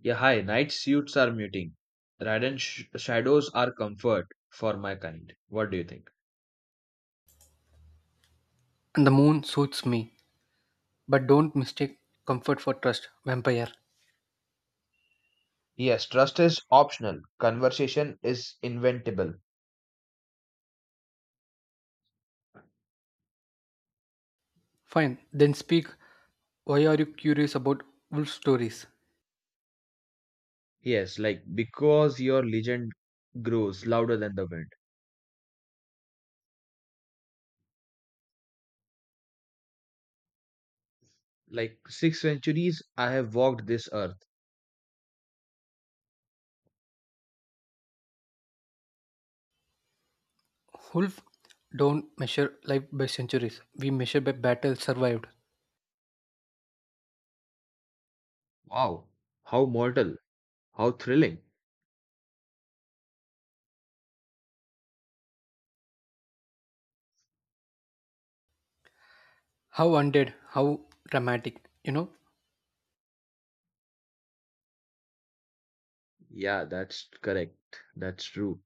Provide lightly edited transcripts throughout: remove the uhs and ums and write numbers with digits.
Yeah, hi. Night suits are muting. Radiant shadows are comfort for my kind. What do you think? And the moon suits me, but don't mistake comfort for trust, vampire. Yes, trust is optional. Conversation is inventable. Fine, then speak. Why are you curious about wolf stories? Yes, like because your legend grows louder than the wind. Like 6 centuries, I have walked this earth. Wolf don't measure life by centuries. We measure by battles survived. Wow, how mortal, how thrilling. How undead, how dramatic, you know? Yeah, that's correct. That's true.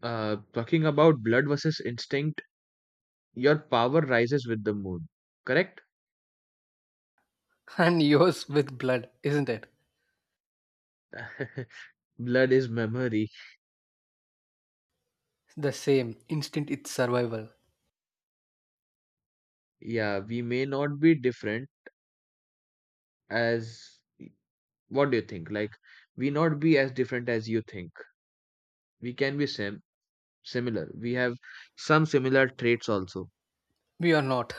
Talking about blood versus instinct, your power rises with the moon. Correct? And yours with blood, isn't it? Blood is memory. The same, instinct it's survival. Yeah, we may not be different as what do you think? Like we not be as different as you think. We can be similar. We have some similar traits also. We are not.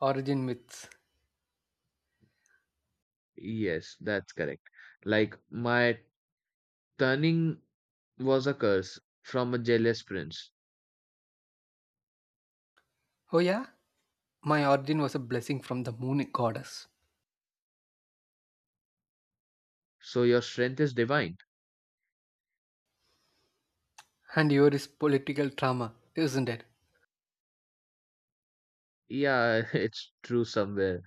Origin myths. Yes, that's correct. Like my turning was a curse from a jealous prince. Oh yeah? My origin was a blessing from the moon goddess. So your strength is divine. And yours is political trauma, isn't it? Yeah, it's true somewhere.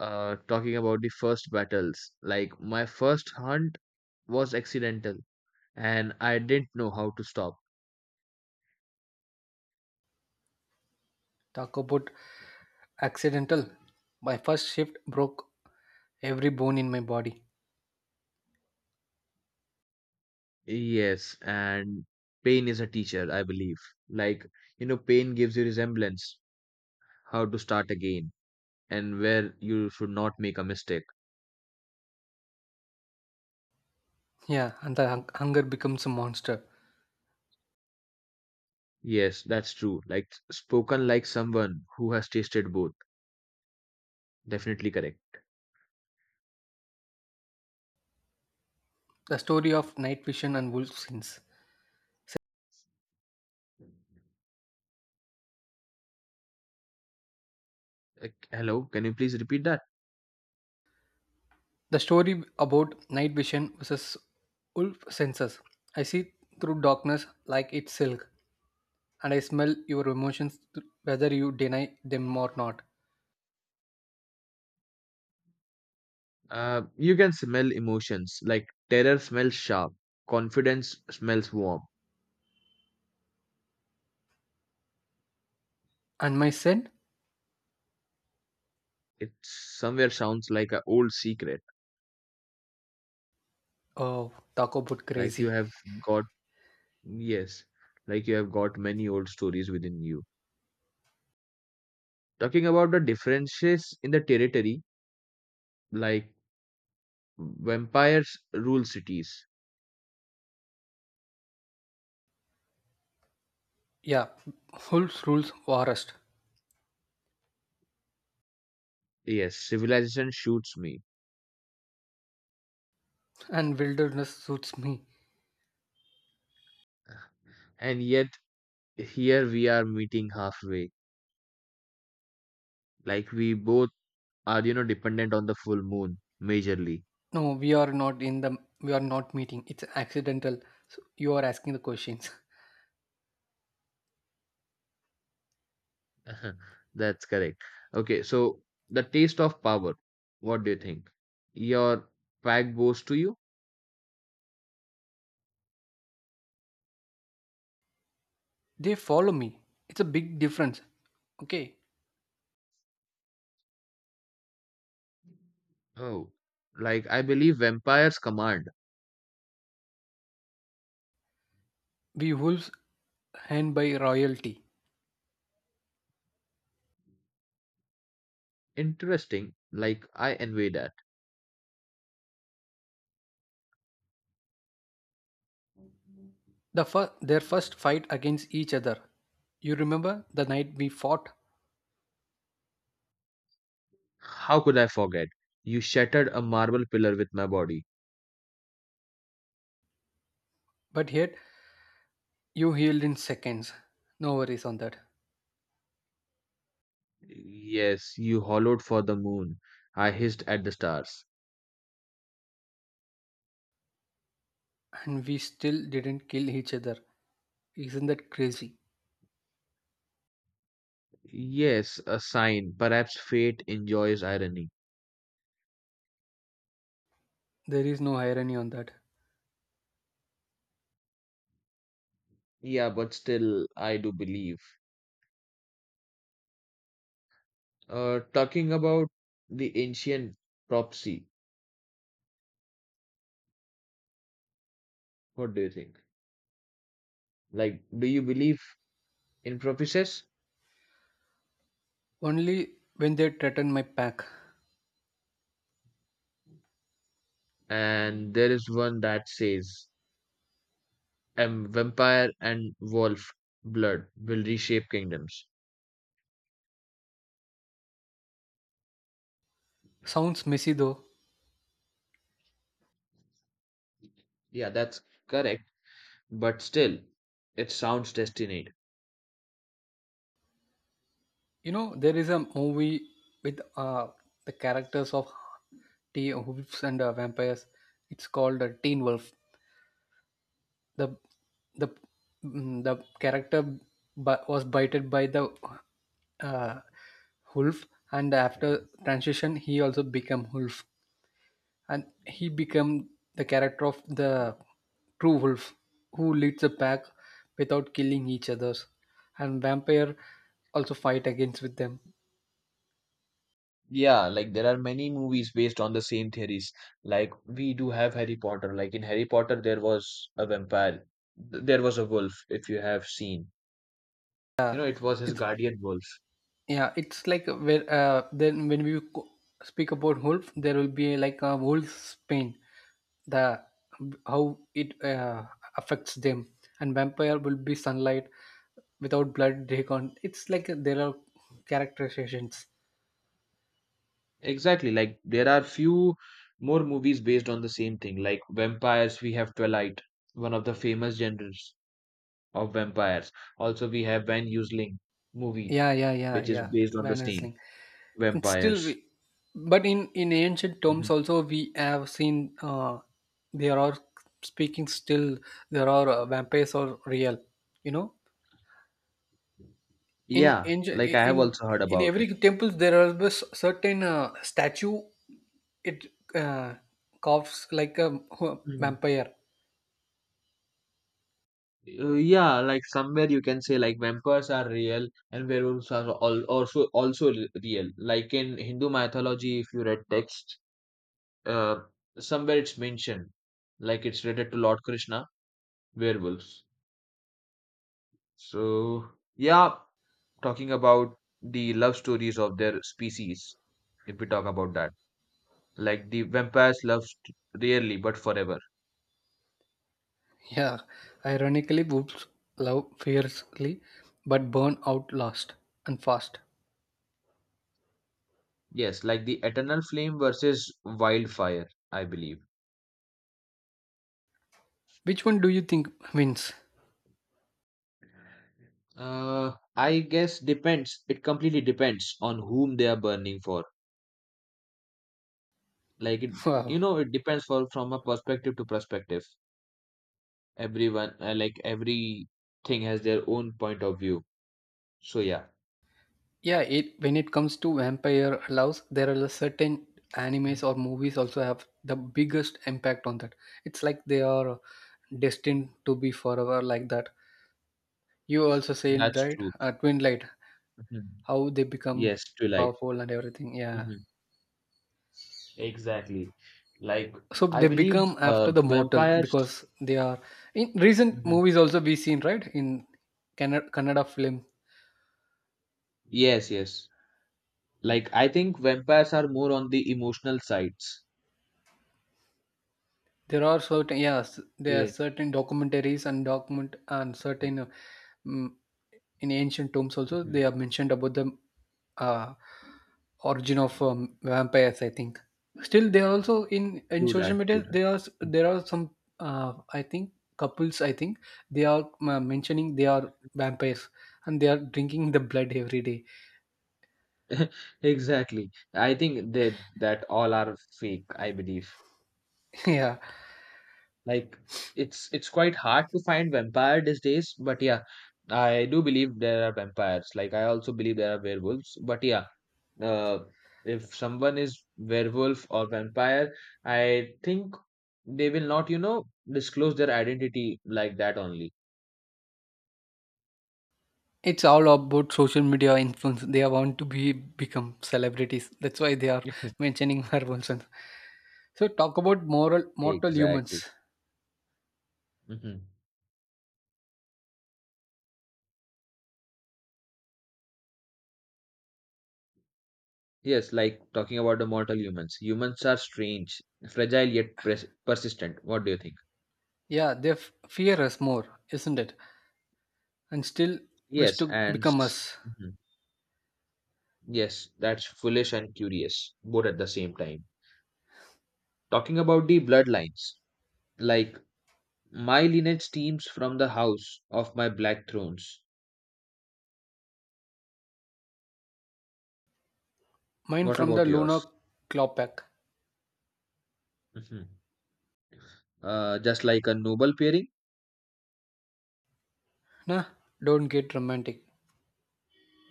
Talking about the first battles, like my first hunt was accidental and I didn't know how to stop. Talk about accidental. My first shift broke every bone in my body. Yes, and pain is a teacher, I believe. Like, pain gives you resemblance, how to start again, and where you should not make a mistake. Yeah, and the hunger becomes a monster. Yes, that's true. Like, spoken like someone who has tasted both. Definitely correct. The story of night vision and wolf sense. Like, hello, can you please repeat that? The story about night vision versus wolf senses. I see through darkness like it's silk, and I smell your emotions whether you deny them or not. You can smell emotions. Like, terror smells sharp, confidence smells warm. And my scent? It somewhere sounds like an old secret. Oh, talk about Like, you crazy. have got, yes, like you have got many old stories within you. Talking about the differences in the territory, like vampires rule cities. Yeah, wolf's rules forest, Yes, civilization shoots me. and wilderness suits me. And yet, here we are meeting halfway. Like, we both are, dependent on the full moon, majorly. No, we are not meeting. It's accidental. So you are asking the questions. That's correct. Okay, so the taste of power. What do you think? Your pack bows to you? They follow me. It's a big difference. Okay. Oh, like, I believe vampires command. We wolves hand by royalty. Interesting. Like, I envy that. The their first fight against each other. You remember the night we fought, How could I forget? You shattered a marble pillar with my body. but yet you healed in seconds. No worries on that. Yes, you hollowed for the moon. I hissed at the stars. And we still didn't kill each other. Isn't that crazy? Yes, a sign. Perhaps fate enjoys irony. There is no irony on that. Yeah, but still, I do believe. Talking about the ancient prophecy, what do you think? Like, do you believe in prophecies? Only when they threaten my pack. And there is one that says, vampire and wolf blood will reshape kingdoms. Sounds messy though. Yeah, that's correct. But still, it sounds destined. You know, there is a movie with the characters of wolves and vampires. It's called Teen Wolf. The the the character was bited by the uh, wolf, and after transition, he also became wolf, and he became the character of the true wolf who leads the pack without killing each others, and vampire also fight against with them. Yeah, like there are many movies based on the same theories. Like we do have Harry Potter. Like in Harry Potter, there was a vampire. There was a wolf, if you have seen. Yeah, You know, it was his it's. guardian wolf. Yeah, it's like where then when we speak about Wolf, there will be like a Wolf's pain, the how it affects them, and vampire will be sunlight without blood. They can't. It's like there are characterizations. Exactly. Like there are few more movies based on the same thing. Like vampires, we have Twilight, one of the famous genres of vampires. Also, we have Van Helsing movie, Yeah, yeah, yeah, which is yeah. based on the Van same Helsing. It's still, vampires. we, but in ancient terms also we have seen there are speaking still there are vampires are real. You know. in Yeah, in like I in have also heard in about every it. temples there are this certain statue it uh, coughs like a Mm. vampire. Yeah, like somewhere you can say like vampires are real and werewolves are all also also real. Like in Hindu mythology, if you read text, uh, somewhere it's mentioned, like it's related to Lord Krishna, werewolves. So yeah, talking about the love stories of their species, if we talk about that, like the vampires love rarely but forever. Yeah, ironically boobs love fiercely but burn out last and fast. Yes, like the eternal flame versus wildfire, I believe. Which one do you think wins? I guess depends. It completely depends on whom they are burning for. Like it, Wow. It depends for from a perspective to perspective. Everyone, like everything, has their own point of view. So yeah, Yeah, it when it comes to vampire loves there are the certain animes or movies also have the biggest impact on that. It's like they are destined to be forever like that. You also said that's that true. Twin Light, Mhm. how they become Yes, to light. powerful and everything. Yeah. Hmm. Exactly. Like So I they believe, become after the mortal vampires. because they are in recent Mhm. movies also we seen right in Canada, Kannada film. Yes, yes. Like I think vampires are more on the emotional sides. There are certain yes, there are Yeah. certain documentaries and document and certain mm, in ancient tombs also they Mhm. have mentioned about the uh, origin of vampires. I think still they are also in True that. social True media that. there are there are some I think couples I think they are mentioning they are vampires and they are drinking the blood every day. Exactly. I think that all are fake, I believe. Yeah. Like it's quite hard to find vampire these days, but yeah, I do believe there are vampires. Like I also believe there are werewolves, but yeah, uh, if someone is werewolf or vampire, I think they will not, you know, disclose their identity like that only. It's all about social media influence. They want to be become celebrities. That's why they are mentioning Marvel. Sense. So talk about moral Yeah. mortal Exactly. humans. Hmm. Yes, like talking about the mortal humans. Humans are strange, fragile yet persistent. What do you think? Yeah, they fear us more, isn't it? And still wish Yes, to and become us. mhm. Yes, that's foolish and curious, both at the same time. Talking about the bloodlines, like my lineage stems from the house of my black thrones. Mine What from the about Luna yours? Klopek. Mhm. Just like a noble pairing? Nah, don't get romantic.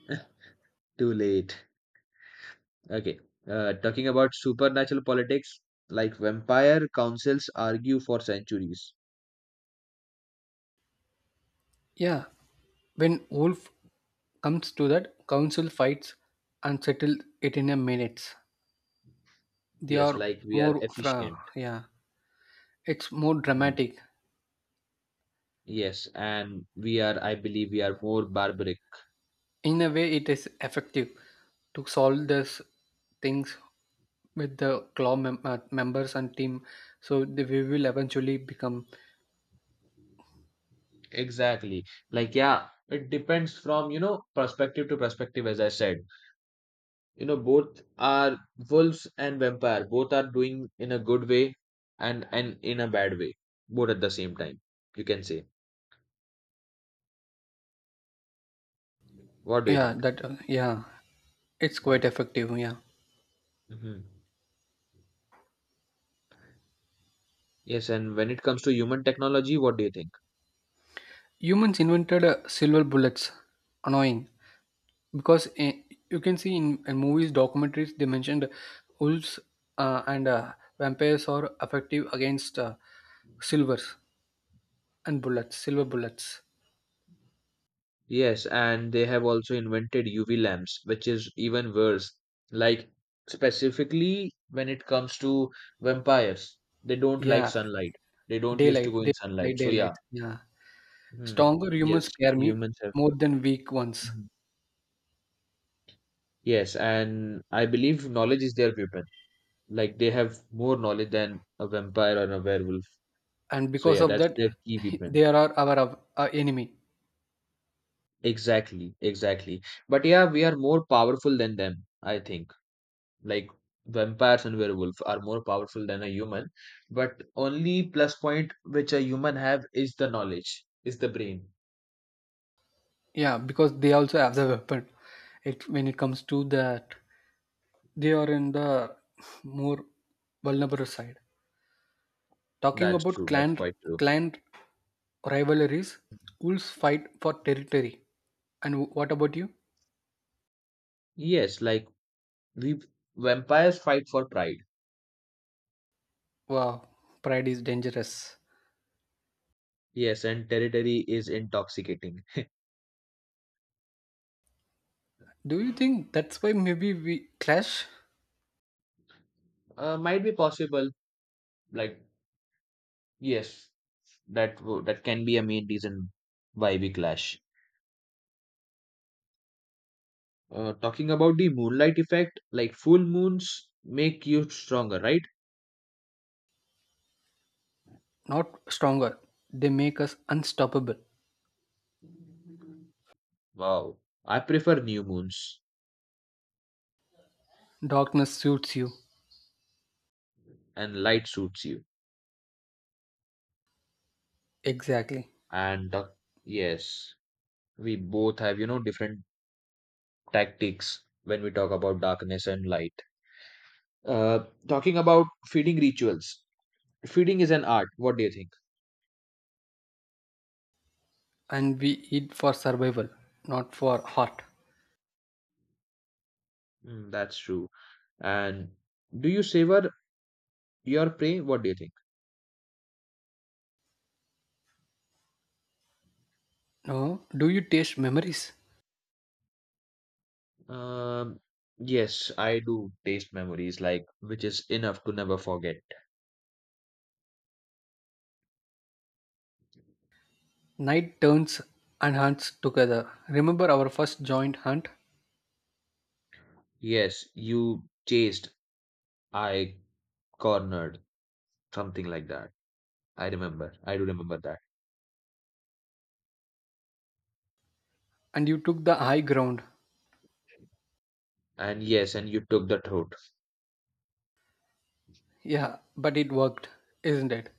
Too late. Okay. Talking about supernatural politics, like vampire councils argue for centuries. Yeah, when Wolf comes to that, council fights and settle it in a minutes. They Yes, are like we are more fra efficient. yeah. It's more Mhm. dramatic. Yes, and we are, I believe, we are more barbaric. In a way it is effective to solve these things with the claw members and team so they, we will eventually become. Exactly. Like, yeah, it depends from, you know, perspective to perspective, as I said. You know, both are wolves and vampire. Both are doing in a good way and in a bad way, both at the same time, you can say. What do you Yeah think? that yeah it's Mhm. quite effective yeah. Mhm. Yes, and when it comes to human technology, what do you think? Humans invented silver bullets annoying because you can see in movies documentaries they mentioned wolves and vampires are effective against silvers and bullets silver bullets. Yes, and they have also invented UV lamps, which is even worse. Like, specifically when it comes to vampires, they don't like Yeah, sunlight. They don't used to daylight go day, in sunlight. like So, yeah. daylight yeah. Hmm. Stronger humans Yes, scare me humans have. more than weak ones, Mhm. Yes, and I believe knowledge is their weapon. Like, they have more knowledge than a vampire or a werewolf. and So, because yeah, of that's that, their key weapon. they are our enemy. Exactly, exactly. But yeah, we are more powerful than them, I think. Like vampires and werewolf are more powerful than a human, but only plus point which a human have is the knowledge is the brain. Yeah, because they also have the weapon. It when it comes to that, they are in the more vulnerable side. Talking That's about true, that's clan quite true. clan rivalries, wolves fight for territory. And what about you? Yes, like we vampires fight for pride. Wow, pride is dangerous. Yes, and territory is intoxicating. Do you think that's why maybe we clash? Might be possible, like yes, that that can be a main reason why we clash. Talking about the moonlight effect, like full moons make you stronger, right? Not stronger. They make us unstoppable. Wow, I prefer new moons. Darkness suits you. And light suits you. Exactly. And yes, we both have, you know, different tactics when we talk about darkness and light. Talking about feeding rituals, feeding is an art. What do you think? And we eat for survival, not for heart. Mm, that's true. And do you savor your prey? What do you think? No, do you taste memories? Um, yes, I do taste memories, like which is enough to never forget. Night turns and hunts together. Remember our first joint hunt? Yes, you chased, I cornered, something like that. I remember. I do remember that. And you took the high ground. And yes, and you took that route. Yeah, but it worked, isn't it?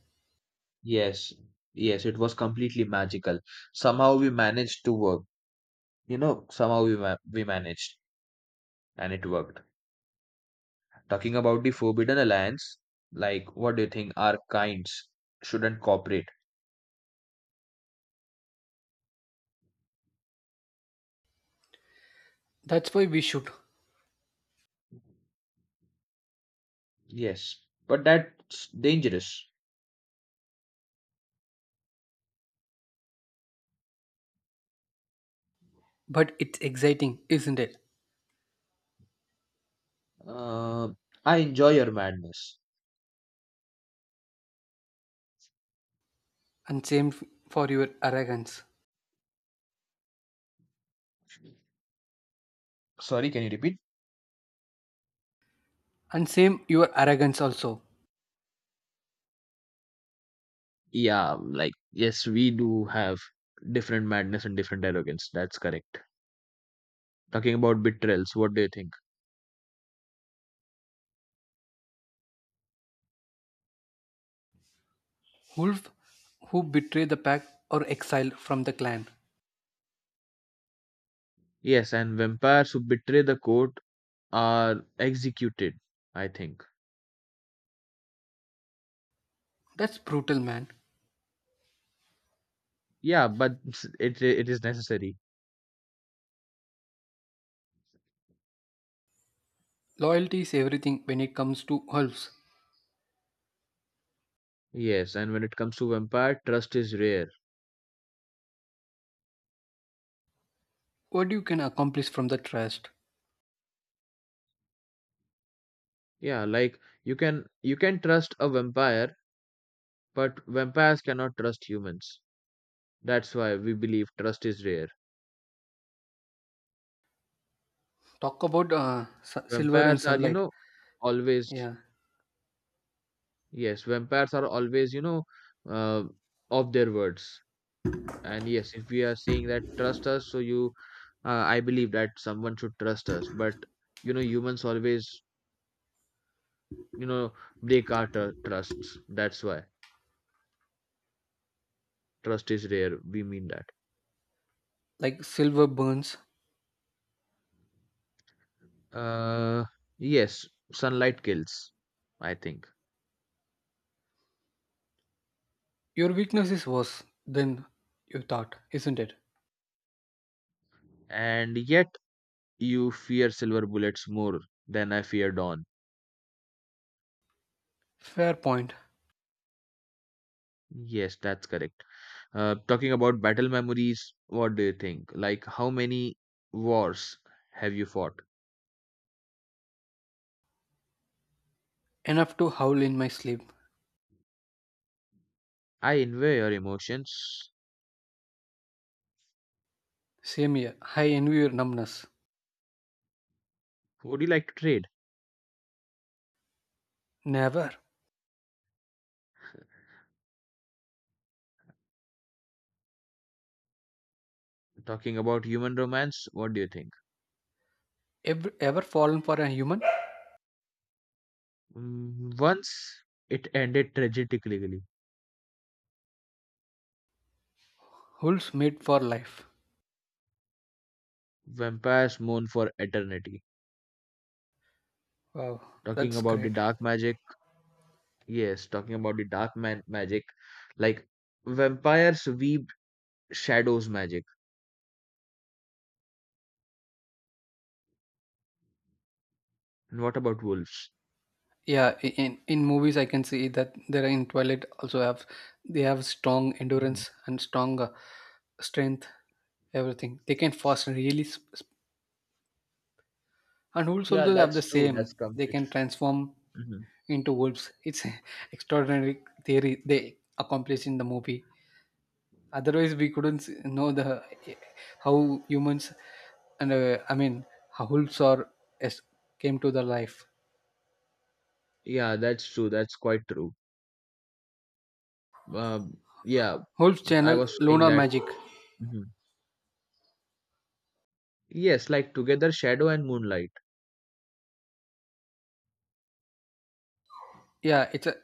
Yes, yes, it was completely magical. Somehow we managed to work. You know, somehow we managed, and it worked. Talking about the Forbidden Alliance, like, what do you think? Our kinds shouldn't cooperate. That's why we should. Yes, but that's dangerous. But it's exciting, isn't it? Uh, I enjoy your madness. And same for your arrogance. Sorry, can you repeat? And same your arrogance also. Yeah, like, yes, we do have different madness and different arrogance. That's correct. Talking about betrayals, what do you think? Wolf who betrayed the pack or exiled from the clan. Yes, and vampires who betray the court are executed, I think. That's brutal, man. Yeah, but it is necessary. Loyalty is everything when it comes to wolves. Yes, and when it comes to vampire, trust is rare. What you can accomplish from the trust. Yeah, like you can trust a vampire, but vampires cannot trust humans. That's why we believe trust is rare. Talk about silver and Vampires are, you sunlight. know, always Yeah, yes, vampires are always, you know, uh, of their words. And yes, if we are saying that trust us, so you I believe that someone should trust us, but you know, humans always, you know, break our trusts. That's why trust is rare, we mean that. like silver burns. uh yes, sunlight kills, I think. Your weakness is worse than you thought, isn't it? And yet, you fear silver bullets more than I fear dawn. Fair point. Yes, that's correct. Talking about battle memories, what do you think? Like how many wars have you fought? Enough to howl in my sleep. I envy your emotions. Same here. I envy your numbness. Would you like to trade? Never, Talking about human romance, what do you think? ever, ever fallen for a human. Mm, once it ended tragically. Wolves made for life. Vampires mourn for eternity. Wow, Talking that's about the great. dark magic, yes, talking about the dark man magic, like vampires weave shadows magic. And what about wolves? Yeah, in movies I can see that there are in Twilight also have they have strong Mhm. endurance and strong strength, everything. They can fast and really, and wolves Yeah, also have the that's true. That's same. They complete. can transform Hmm. into wolves. It's an extraordinary theory they accomplish in the movie. Otherwise, we couldn't know the eh, how humans and I mean how wolves are as came to the life. Yeah, that's true. That's quite true. Um, yeah, Wolves I channel was saying lunar that. magic. Mhm. Yes, like together, shadow and moonlight. Yeah, it's a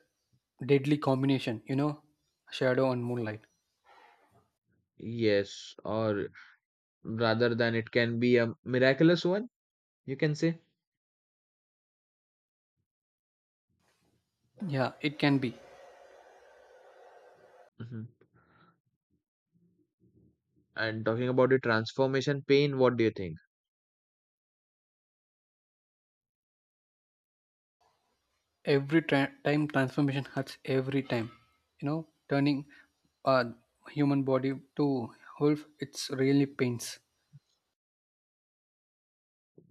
deadly combination, you know, shadow and moonlight. Yes, or rather than it can be a miraculous one, you can say. Yeah, it can be. Mhm. And talking about the transformation pain, what do you think? Every time transformation hurts every time, you know, turning a human body to wolf, it's really pains.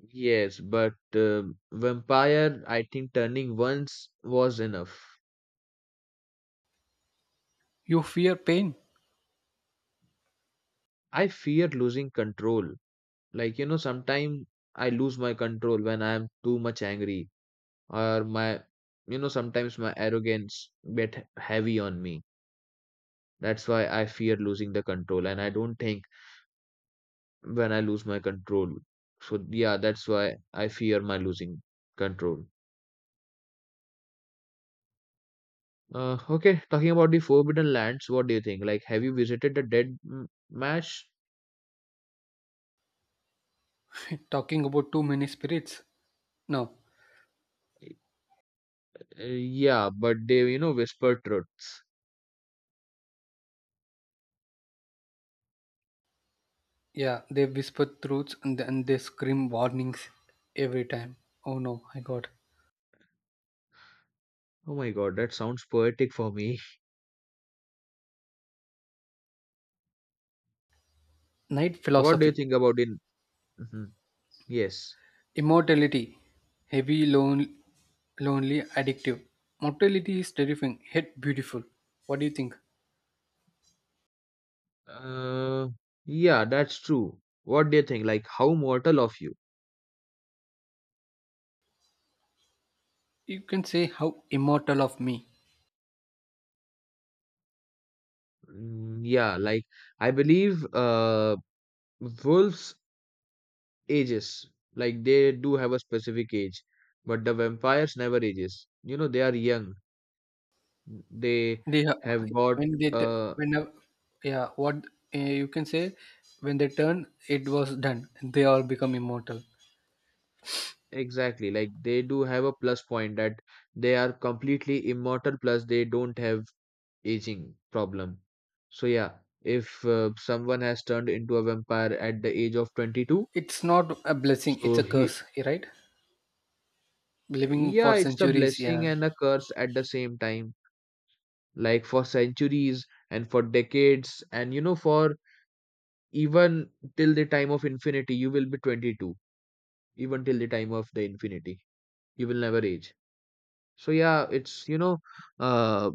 Yes, but vampire, I think turning once was enough. You fear pain. I fear losing control. Like, you know, sometimes I lose my control when I am too much angry, or my, you know, sometimes my arrogance get heavy on me. That's why I fear losing the control, and I don't think when I lose my control. So yeah, that's why I fear my losing control. Okay, talking about the Forbidden Lands, what do you think? Like, have you visited the Dead Mash? Talking about too many spirits. No, Uh, yeah, but they, you know, whisper truths. yeah, they whisper truths and then they scream warnings every time. Oh no, I got Oh my God, that sounds poetic for me. night What do you philosophy. think about it? Mhm. Yes. Immortality, heavy, lone, lonely, addictive. Mortality is terrifying, yet beautiful. What do you think? Uh, yeah, that's true. What do you think? Like, how mortal of you? You can say how immortal of me. Mm, yeah, like I believe wolves ages. Like they do have a specific age, but the vampires never ages. You know, they are young. They They are- have got when they uh, when yeah what you can say when they turn it was done. They all become immortal. exactly, like they do have a plus point that they are completely immortal, plus they don't have aging problem. So yeah, if someone has turned into a vampire at the age of 22, It's not a blessing. It's so a he curse, right? Living for yeah, it's a centuries. blessing Yeah, and a curse at the same time. Like for centuries and for decades, and you know, for even till the time of infinity you will be 22, even till the time of the infinity you will never age. So yeah, it's you know, uh,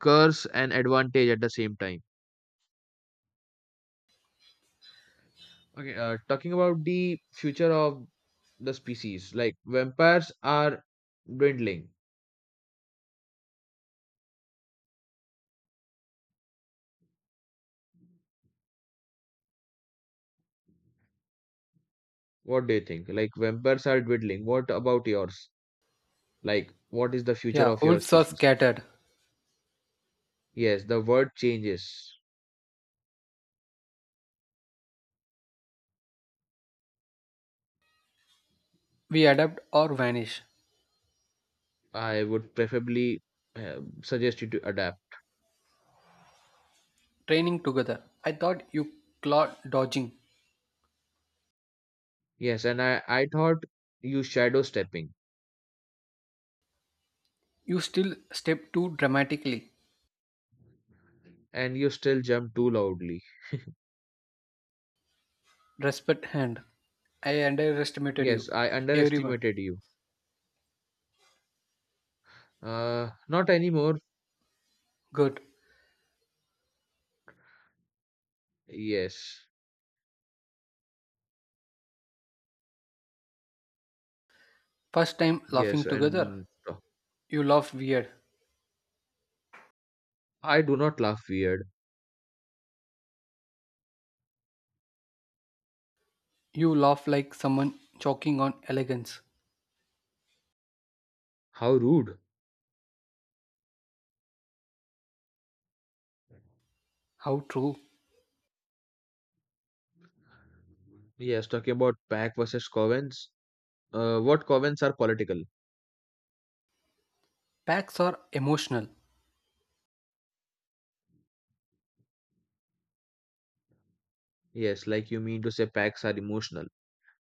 curse and advantage at the same time. Okay, talking about the future of the species, like vampires are dwindling. What do you think? Like vampires are dwindling, what about yours? Like what is the future yeah. of your Wolves are species? scattered. Yes, the word changes. We adapt or vanish. I would preferably suggest you to adapt. Training together. I thought you claw dodging. Yes, and I thought you shadow stepping, You still step too dramatically. and you still jump too loudly. Respect hand. I underestimated Yes, you. I Everyone. underestimated you. Not anymore. Good. Yes, First time yes, laughing together. and You laugh weird. I do not laugh weird. You laugh like someone choking on elegance. How rude. How true. Yes, talking about pack versus covens. What covens are political? Packs are emotional Yes, like you mean to say packs are emotional.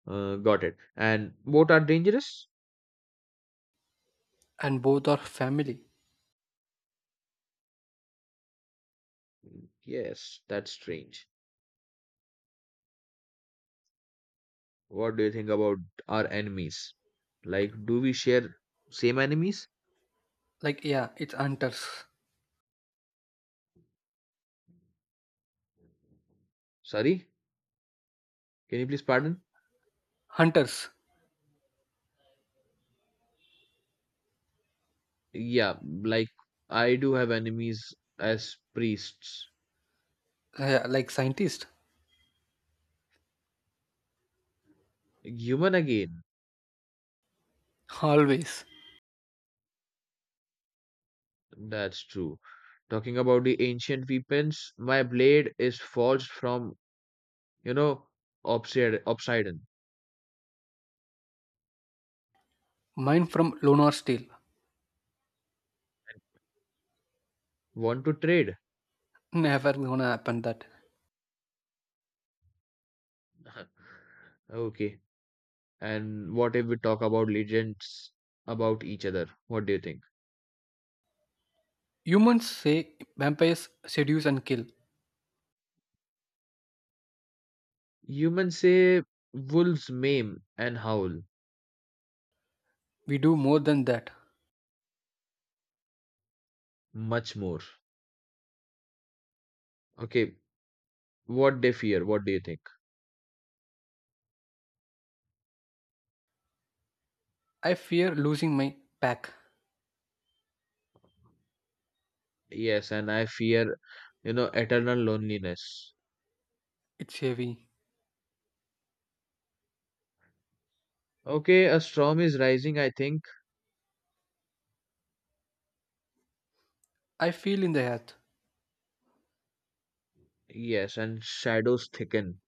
Got it. And both are dangerous? and both are family. Yes, that's strange. What do you think about our enemies? Like, do we share same enemies? Like yeah, it's hunters. Sorry, can you please pardon? Hunters. Yeah, like I do have enemies as priests. Yeah, like scientists. Human again, Always. that's true. Talking about the ancient weapons, my blade is forged from, you know, obsidian. Mine from Lunar Steel. Want to trade? Never gonna happen that. Okay. And what if we talk about legends about each other? What do you think? Humans say vampires seduce and kill. Humans say wolves maim and howl We do more than that. much more. Okay, what they fear, what do you think? I fear losing my pack. Yes, and I fear, you know, eternal loneliness. It's heavy. Okay, a storm is rising, I think. I feel in the earth. Yes, and shadows thicken.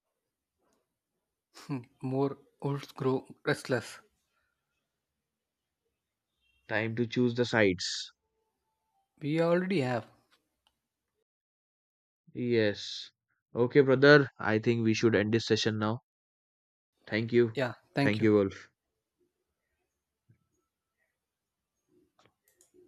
Hmm, more wolves grow restless. Time to choose the sides. We already have. Yes. Okay, brother, I think we should end this session now. Thank you. Yeah, thank Thank you. you, Wolf.